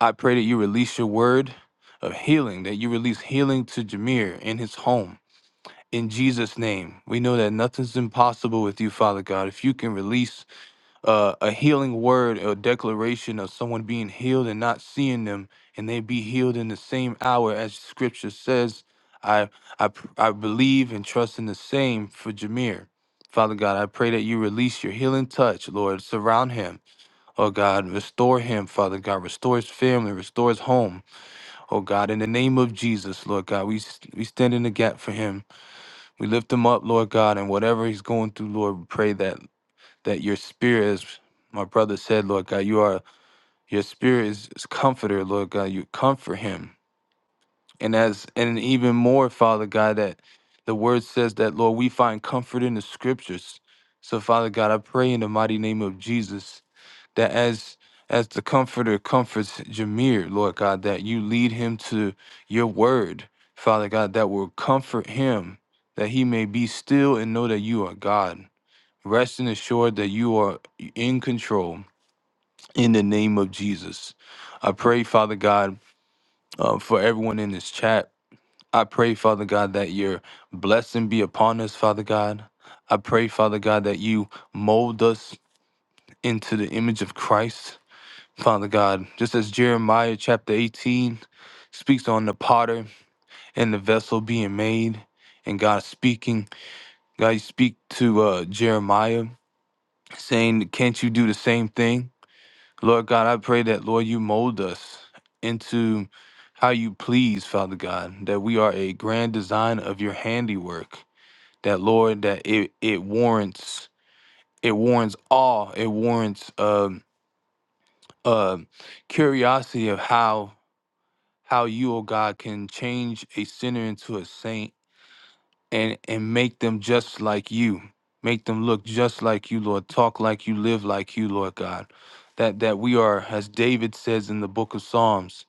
S3: I pray that you release your word of healing, that you release healing to Jameer in his home. In Jesus' name, we know that nothing's impossible with you, Father God. If you can release uh, a healing word or declaration of someone being healed and not seeing them, and they be healed in the same hour as Scripture says, I I pr- I believe and trust in the same for Jameer. Father God, I pray that you release your healing touch, Lord. Surround him. Oh God, restore him, Father God. Restore his family, restore his home. Oh God, in the name of Jesus, Lord God, we, we stand in the gap for him. We lift him up, Lord God, and whatever he's going through, Lord, we pray that that your spirit, as my brother said, Lord God, you are your spirit is, is comforter, Lord God. You comfort him. And as and even more, Father God, that the word says that, Lord, we find comfort in the scriptures. So, Father God, I pray in the mighty name of Jesus that as as the comforter comforts Jameer, Lord God, that you lead him to your word, Father God, that will comfort him, that he may be still and know that you are God. Rest and assured that you are in control in the name of Jesus. I pray, Father God, uh, for everyone in this chat. I pray, Father God, that your blessing be upon us, Father God. I pray, Father God, that you mold us into the image of Christ. Father God, just as Jeremiah chapter 18 speaks on the potter and the vessel being made, and God speaking, God, you speak to uh, Jeremiah saying, Can't you do the same thing? Lord God, I pray that, Lord, you mold us into how you please, Father God, that we are a grand design of your handiwork, that, Lord, that it, it warrants. It warrants awe. It warrants um uh, curiosity of how how you, O God, can change a sinner into a saint and and make them just like you. Make them look just like you, Lord, talk like you, live like you, Lord God. That that we are, as David says in the book of Psalms,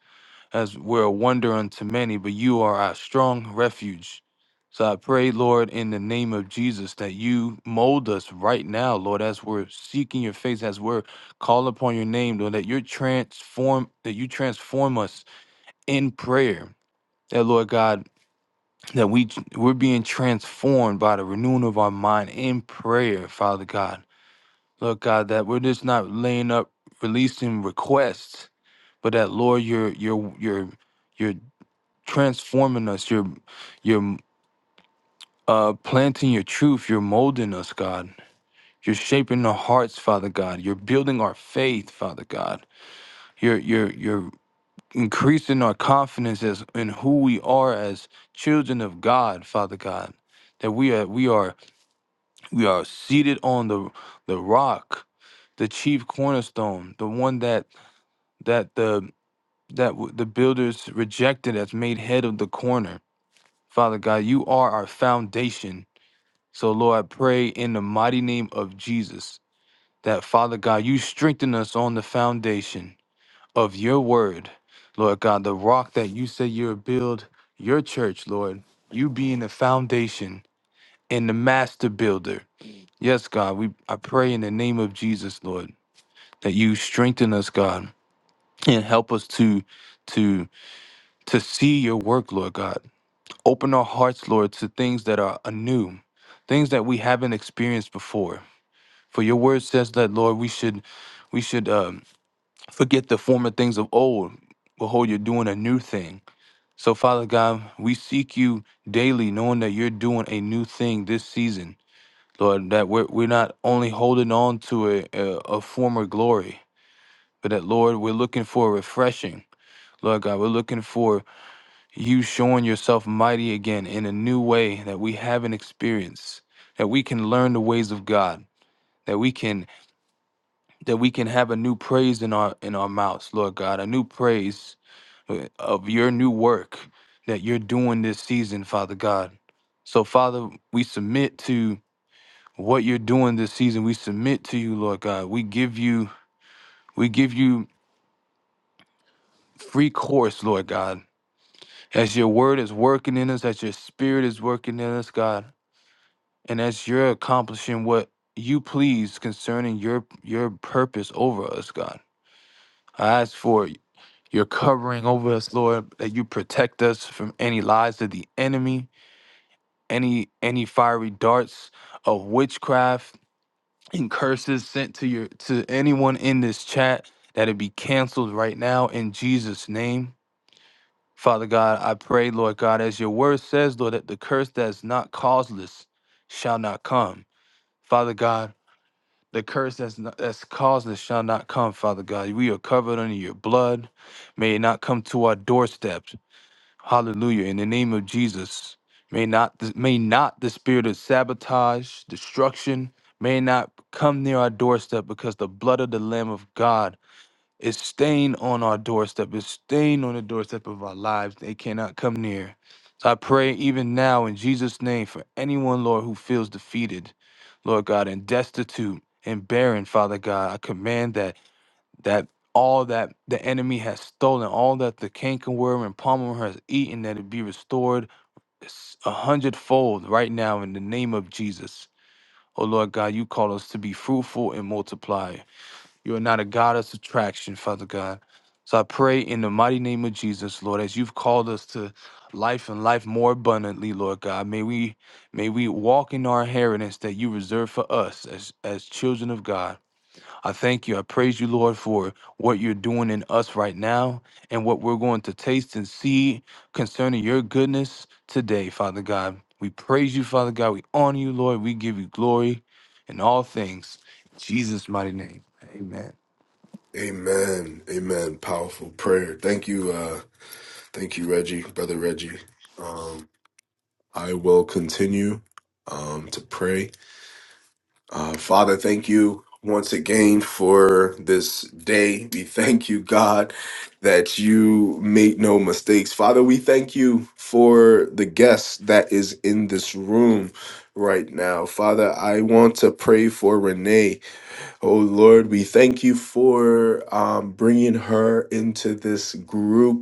S3: as we're a wonder unto many, but you are our strong refuge. So I pray, Lord, in the name of Jesus, that you mold us right now, Lord, as we're seeking your face, as we're calling upon your name, Lord, that you transform, that you transform us in prayer that Lord God, that we we're being transformed by the renewing of our mind in prayer, Father God. Lord God, that we're just not laying up releasing requests, but that Lord, you're you're you're you're transforming us. You're you're uh, planting your truth. You're molding us, God. You're shaping our hearts, Father God. You're building our faith, Father God. You're you're you're increasing our confidence as in who we are as children of God, Father God. That we are we are we are seated on the the rock, the chief cornerstone, the one that that the that w- the builders rejected as made head of the corner. Father God, you are our foundation. So Lord, I pray in the mighty name of Jesus that Father God, you strengthen us on the foundation of your word, Lord God, the rock that you say you'll build your church, Lord, you being the foundation and the master builder. Yes, God, we I pray in the name of Jesus, Lord, that you strengthen us, God, and help us to to to see your work, Lord God. Open our hearts, Lord, to things that are anew, things that we haven't experienced before. For your word says that, Lord, we should we should um, forget the former things of old. Behold, you're doing a new thing. So, Father God, we seek you daily, knowing that you're doing a new thing this season, Lord, that we're, we're not only holding on to a, a, a former glory, but that, Lord, we're looking for a refreshing. Lord God, we're looking for you showing yourself mighty again in a new way that we haven't experienced, that we can learn the ways of God. That we can that we can have a new praise in our in our mouths, Lord God, a new praise uh, of your new work that you're doing this season, Father God. So, Father, we submit to what you're doing this season. We submit to you, Lord God. We give you, we give you free course, Lord God. As your word is working in us, as your spirit is working in us, God, and as you're accomplishing what you please concerning your your purpose over us, God. I ask for your covering over us, Lord, that you protect us from any lies of the enemy any any fiery darts of witchcraft and curses sent to your to anyone in this chat that it be canceled right now in Jesus name. Father God, I pray, Lord God, as your word says, Lord, that the curse that's not causeless shall not come. Father God, the curse that's not, that's causeless shall not come, Father God. We are covered under your blood. May it not come to our doorsteps. Hallelujah. In the name of Jesus, may not th- may not the spirit of sabotage, destruction, may not come near our doorstep because the blood of the Lamb of God is stained on our doorstep, is stained on the doorstep of our lives. They cannot come near. So I pray even now in Jesus' name for anyone, Lord, who feels defeated, Lord God, and destitute and barren, Father God. I command that that all that the enemy has stolen, all that the cankerworm and palmer has eaten, that it be restored s- a hundredfold right now in the name of Jesus. Oh Lord God, you call us to be fruitful and multiply. You are not a God of subtraction, Father God. So I pray in the mighty name of Jesus, Lord, as you've called us to life and life more abundantly, Lord God. May we may we walk in our inheritance that you reserve for us as as children of God. I thank you. I praise you, Lord, for what you're doing in us right now and what we're going to taste and see concerning your goodness today, Father God. We praise you, Father God. We honor you, Lord. We give you glory in all things. In Jesus' mighty name. Amen.
S1: Amen. Amen. Powerful prayer. Thank you. Uh, thank you, Reggie, brother Reggie. Um, I will continue um, to pray. Uh, Father, thank you once again for this day. We thank you, God, that you make no mistakes. Father, we thank you for the guest that is in this room right now. Father, I want to pray for Renee. Oh, Lord, we thank you for um, bringing her into this group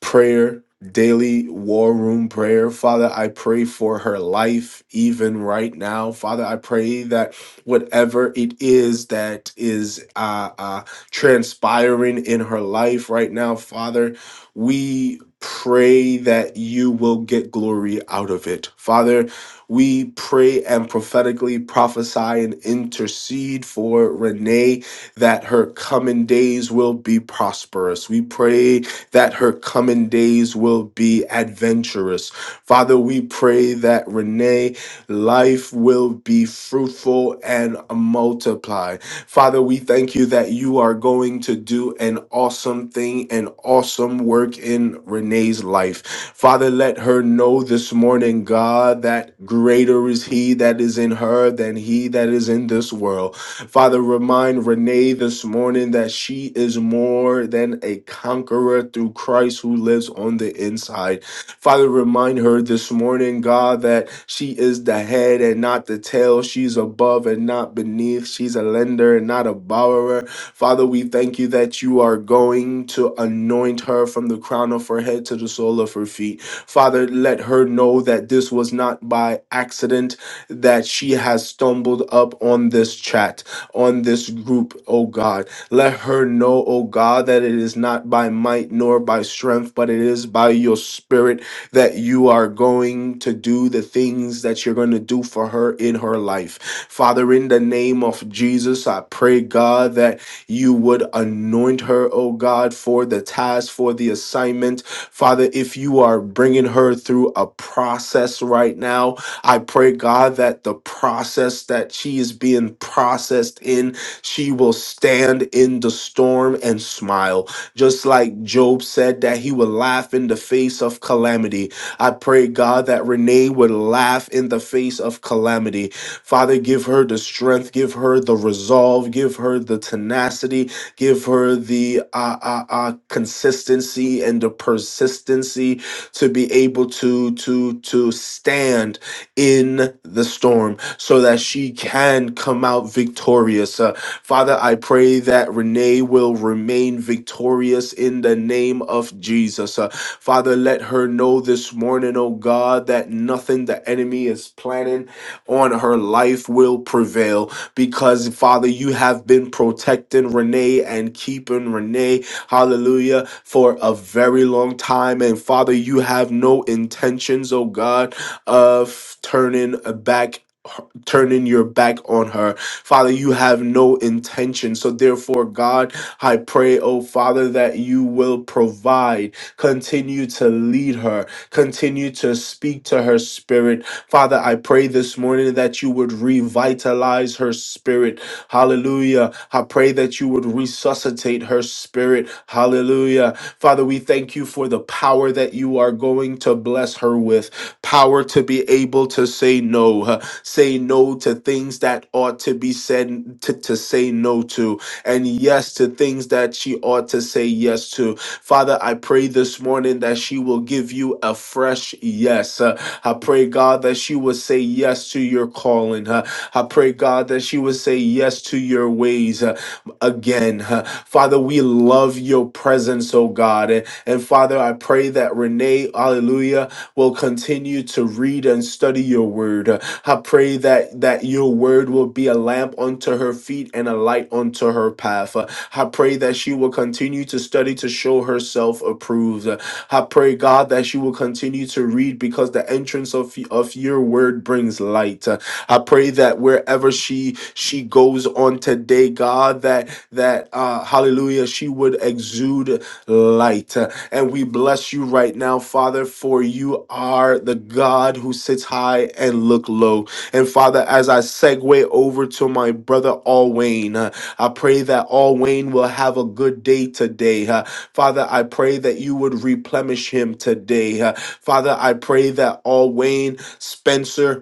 S1: prayer, daily war room prayer. Father, I pray for her life even right now. Father, I pray that whatever it is that is uh, uh, transpiring in her life right now, Father, we pray that you will get glory out of it. Father, we pray and prophetically prophesy and intercede for Renee that her coming days will be prosperous. We pray that her coming days will be adventurous. Father, we pray that Renee life will be fruitful and multiply. Father, we thank you that you are going to do an awesome thing, an awesome work in Renee's life. Father, let her know this morning, God, that greater is he that is in her than he that is in this world. Father, remind Renee this morning that she is more than a conqueror through Christ who lives on the inside. Father, remind her this morning, God, that she is the head and not the tail. She's above and not beneath. She's a lender and not a borrower. Father, we thank you that you are going to anoint her from the crown of her head to the sole of her feet. Father, let her know that this was not by accident that she has stumbled up on this chat, on this group, oh God. Let her know, oh God, that it is not by might nor by strength, but it is by your spirit that you are going to do the things that you're going to do for her in her life. Father, in the name of Jesus, I pray, God, that you would anoint her, oh God, for the task, for the assignment. Father, if you are bringing her through a process right now, I pray, God, that the process that she is being processed in, she will stand in the storm and smile. Just like Job said that he would laugh in the face of calamity. I pray, God, that Renee would laugh in the face of calamity. Father, give her the strength, give her the resolve, give her the tenacity, give her the uh, uh, uh, consistency and the persistency to be able to to to stand in the storm so that she can come out victorious. Uh, Father, I pray that Renee will remain victorious in the name of Jesus. Uh, Father, let her know this morning, oh God, that nothing the enemy is planning on her life will prevail because, Father, you have been protecting Renee and keeping Renee, hallelujah, for a very long time. And Father, you have no intentions, oh God, of turning back turning your back on her Father, you have no intention. So, therefore, God, I pray, oh Father, that you will provide, continue to lead her, continue to speak to her spirit. Father, I pray this morning that you would revitalize her spirit. Hallelujah. I pray that you would resuscitate her spirit. Hallelujah. Father, we thank you for the power that you are going to bless her with power to be able to say no, uh, say no to things that ought to be said, to, to say no to, and yes to things that she ought to say yes to. Father, I pray this morning that she will give you a fresh yes. Uh, I pray, God, that she will say yes to your calling. Uh, I pray, God, that she will say yes to your ways uh, again. Uh, Father, we love your presence, oh God. And, and Father, I pray that Renee, hallelujah will continue to read and study your word. I pray that that your word will be a lamp unto her feet and a light unto her path. I pray that she will continue to study to show herself approved. I pray God that she will continue to read because the entrance of of your word brings light. I pray that wherever she she goes on today, God, that that uh, hallelujah, she would exude light. And we bless you right now, Father, for you are the God who sits high and look low. And Father, as I segue over to my brother Alwayne, uh, I pray that Alwayne will have a good day today. uh, Father, I pray that you would replenish him today. uh, Father, I pray that Alwayne Spencer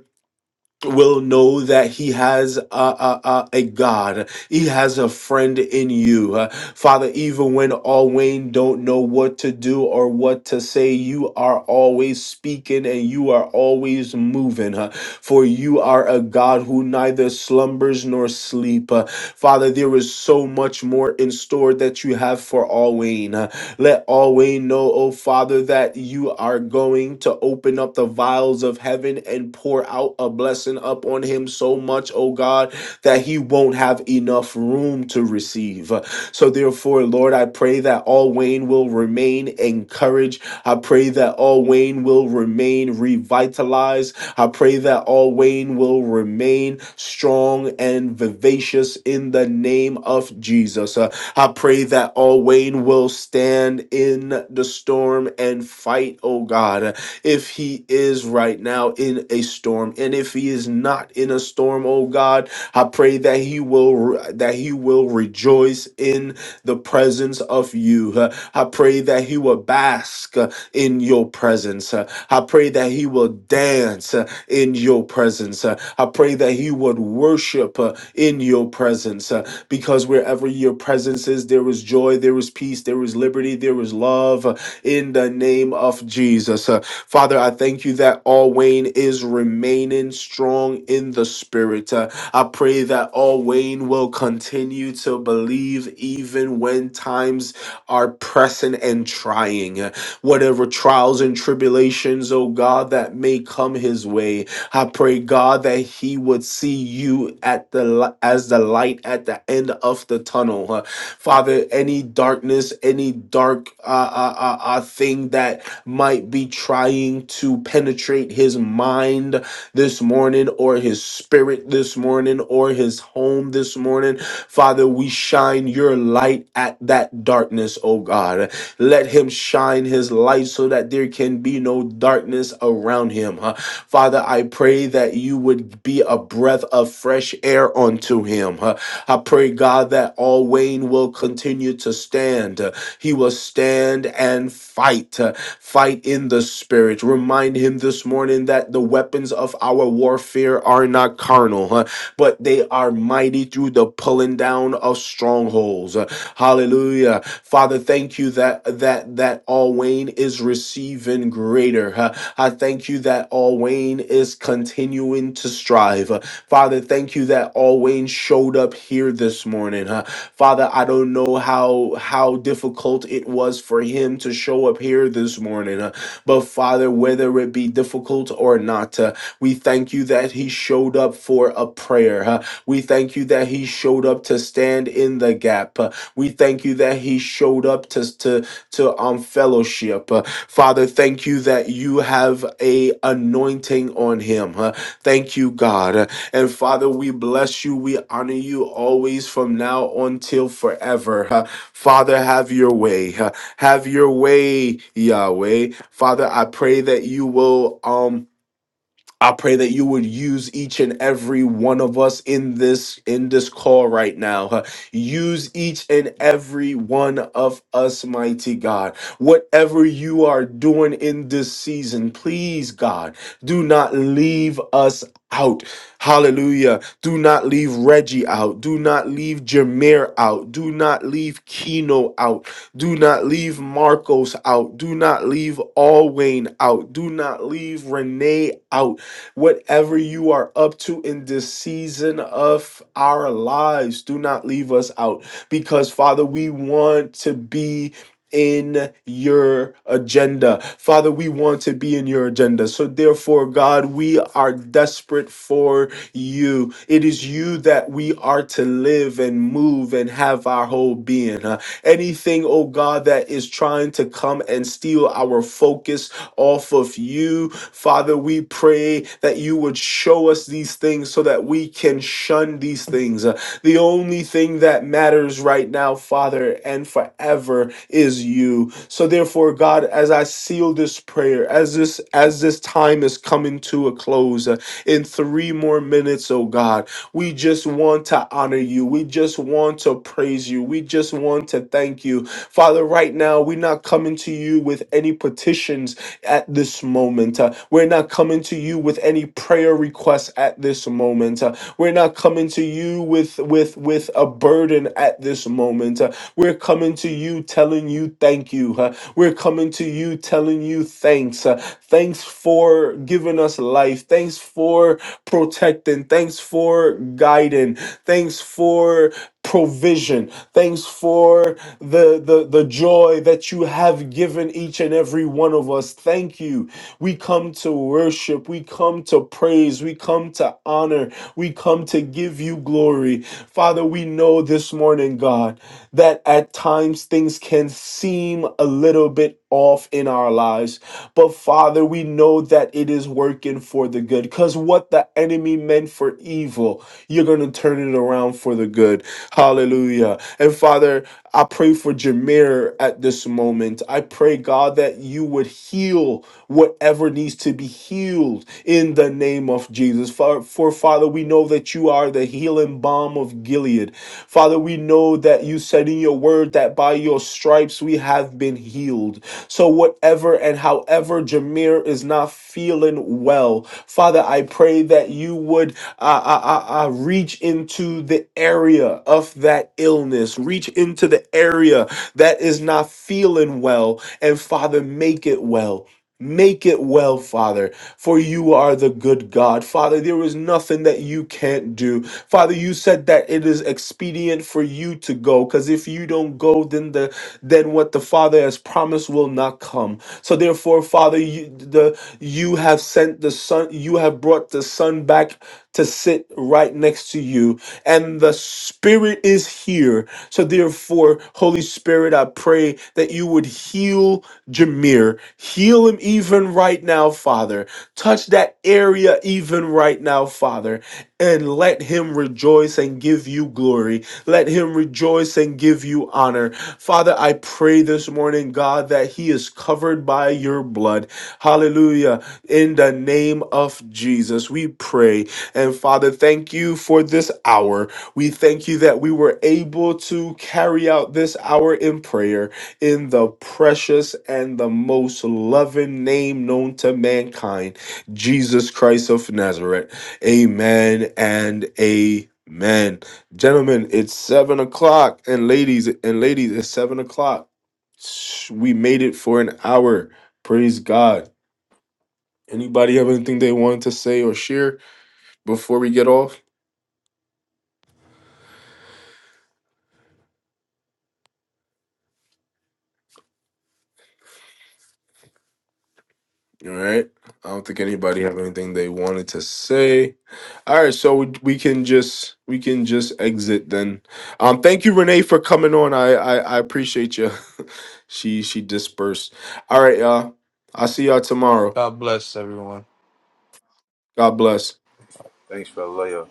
S1: will know that he has a, a, a, a God. He has a friend in you. Uh, Father, even when all Wayne don't know what to do or what to say, you are always speaking and you are always moving. uh, For you are a God who neither slumbers nor sleep. Uh, Father, there is so much more in store that you have for all Wayne. Let all we know, O Father, that you are going to open up the vials of heaven and pour out a blessing up on him so much, O God, that he won't have enough room to receive. So therefore, Lord, I pray that all Wayne will remain encouraged I pray that all Wayne will remain revitalized. I pray that all Wayne will remain strong and vivacious in the name of Jesus. Uh, I pray that all Wayne will stand in the storm and fight, oh God, if he is right now in a storm. And if he is not in a storm, oh God, I pray that he will that he will rejoice in the presence of you. Uh, I pray that he will bask in your presence. Uh, I pray that he will dance uh, in your presence. Uh, I pray that he would worship uh, in your presence uh, because wherever your presence is, there is joy, there is peace, there is liberty, there is love uh, in the name of Jesus. Uh, Father, I thank you that all Wayne is remaining strong in the spirit. Uh, I pray that all Wayne will continue to believe even when times are pressing and trying whatever trials and tribulations, oh God, that may come his way. I pray, God, that he would see you at the li- as the light at the end of the tunnel. Uh, Father, any darkness, any dark uh, uh, uh, uh, thing that might be trying to penetrate his mind this morning or his spirit this morning or his home this morning, Father, we shine your light at that darkness, oh God. God. Let him shine his light so that there can be no darkness around him. huh? Father, I pray that you would be a breath of fresh air unto him. huh? I pray, God, that all Wayne will continue to stand. uh, He will stand and fight, uh, fight in the spirit. Remind him this morning that the weapons of our warfare are not carnal. huh? but they are mighty through the pulling down of strongholds. Uh, Hallelujah. Father, thank you that that that all Wayne is receiving greater. Uh, I thank you that all Wayne is continuing to strive. Uh, Father, thank you that all Wayne showed up here this morning. Uh, Father, I don't know how how difficult it was for him to show up here this morning. uh, but Father, whether it be difficult or not. We thank you that he showed up for a prayer. huh? We thank you that he showed up to stand in the gap. huh? We thank you that he showed up to to to um fellowship. huh? Father, thank you that you have a anointing on him. huh? Thank you, God. Uh, And Father, we bless you. We honor you always from now until forever. huh? Father, have your way. huh? Have your way, Yahweh. Father, I pray that you will um I pray that you would use each and every one of us in this in this call right now. huh? Use each and every one of us, mighty God. Whatever you are doing in this season, please God, do not leave us out. Hallelujah. Do not leave Reggie out. Do not leave Jameer out. Do not leave Keno out. Do not leave Marcos out. Do not leave Alwayne out. Do not leave Renee out. Whatever you are up to in this season of our lives, do not leave us out because, Father, we want to be in your agenda. Father, we want to be in your agenda. So, therefore, God, we are desperate for you. It is you that we are to live and move and have our whole being. Uh, anything, oh God, that is trying to come and steal our focus off of you, Father, we pray that you would show us these things so that we can can shun these things. Uh, The only thing that matters right now, Father, and forever is you. So therefore, God, as I seal this prayer, as this as this time is coming to a close, uh, in three more minutes, oh God, we just want to honor you. We just want to praise you. We just want to thank you. Father, right now, we're not coming to you with any petition petitions at this moment. Uh, We're not coming to you with any prayer requests at this moment. Uh, We're not coming to you with with with a burden at this moment. Uh, We're coming to you telling you thank you. Uh, We're coming to you telling you thanks. Uh, Thanks for giving us life. Thanks for protecting. Thanks for guiding. Thanks for provision. Thanks for the, the, the joy that you have given each and every one of us. Thank you. We come to worship. We come to praise. We come to honor. We come to give you glory. Father, we know this morning, God, that at times things can seem a little bit off in our lives. But Father, we know that it is working for the good because what the enemy meant for evil, you're going to turn it around for the good. Hallelujah. And Father, I pray for Jameer at this moment. I pray, God, that you would heal whatever needs to be healed in the name of Jesus. For, for Father, we know that you are the healing balm of Gilead. Father, we know that you said in your word that by your stripes we have been healed. So, whatever and however Jameer is not feeling well, Father, I pray that you would uh, uh, uh, uh, reach into the area of that illness, reach into the area that is not feeling well, and Father, make it well. Make it well, Father for you are the good God. Father, there is nothing that you can't do. Father, you said that it is expedient for you to go because if you don't go, then the then what the Father has promised will not come. So therefore, Father, you the you have sent the Son, you have brought the Son back to sit right next to you. And the Spirit is here. So therefore, Holy Spirit, I pray that you would heal Jameer. Heal him even right now, Father. Touch that area even right now, Father, and let him rejoice and give you glory. Let him rejoice and give you honor. Father, I pray this morning, God, that he is covered by your blood. Hallelujah. In the name of Jesus, we pray. And Father, thank you for this hour. We thank you that we were able to carry out this hour in prayer in the precious and the most loving name known to mankind. Jesus Christ of Nazareth. Amen and amen. Gentlemen, it's seven o'clock, and ladies and ladies, it's seven o'clock. Sh- We made it for an hour. Praise God. Anybody have anything they wanted to say or share before we get off? All right. I don't think anybody have anything they wanted to say. All right, so we we can just we can just exit then. Um, thank you, Renee, for coming on. I I, I appreciate you. (laughs) She she dispersed. All right, y'all. I'll see y'all tomorrow.
S3: God bless everyone.
S1: God bless.
S4: Thanks for the layup.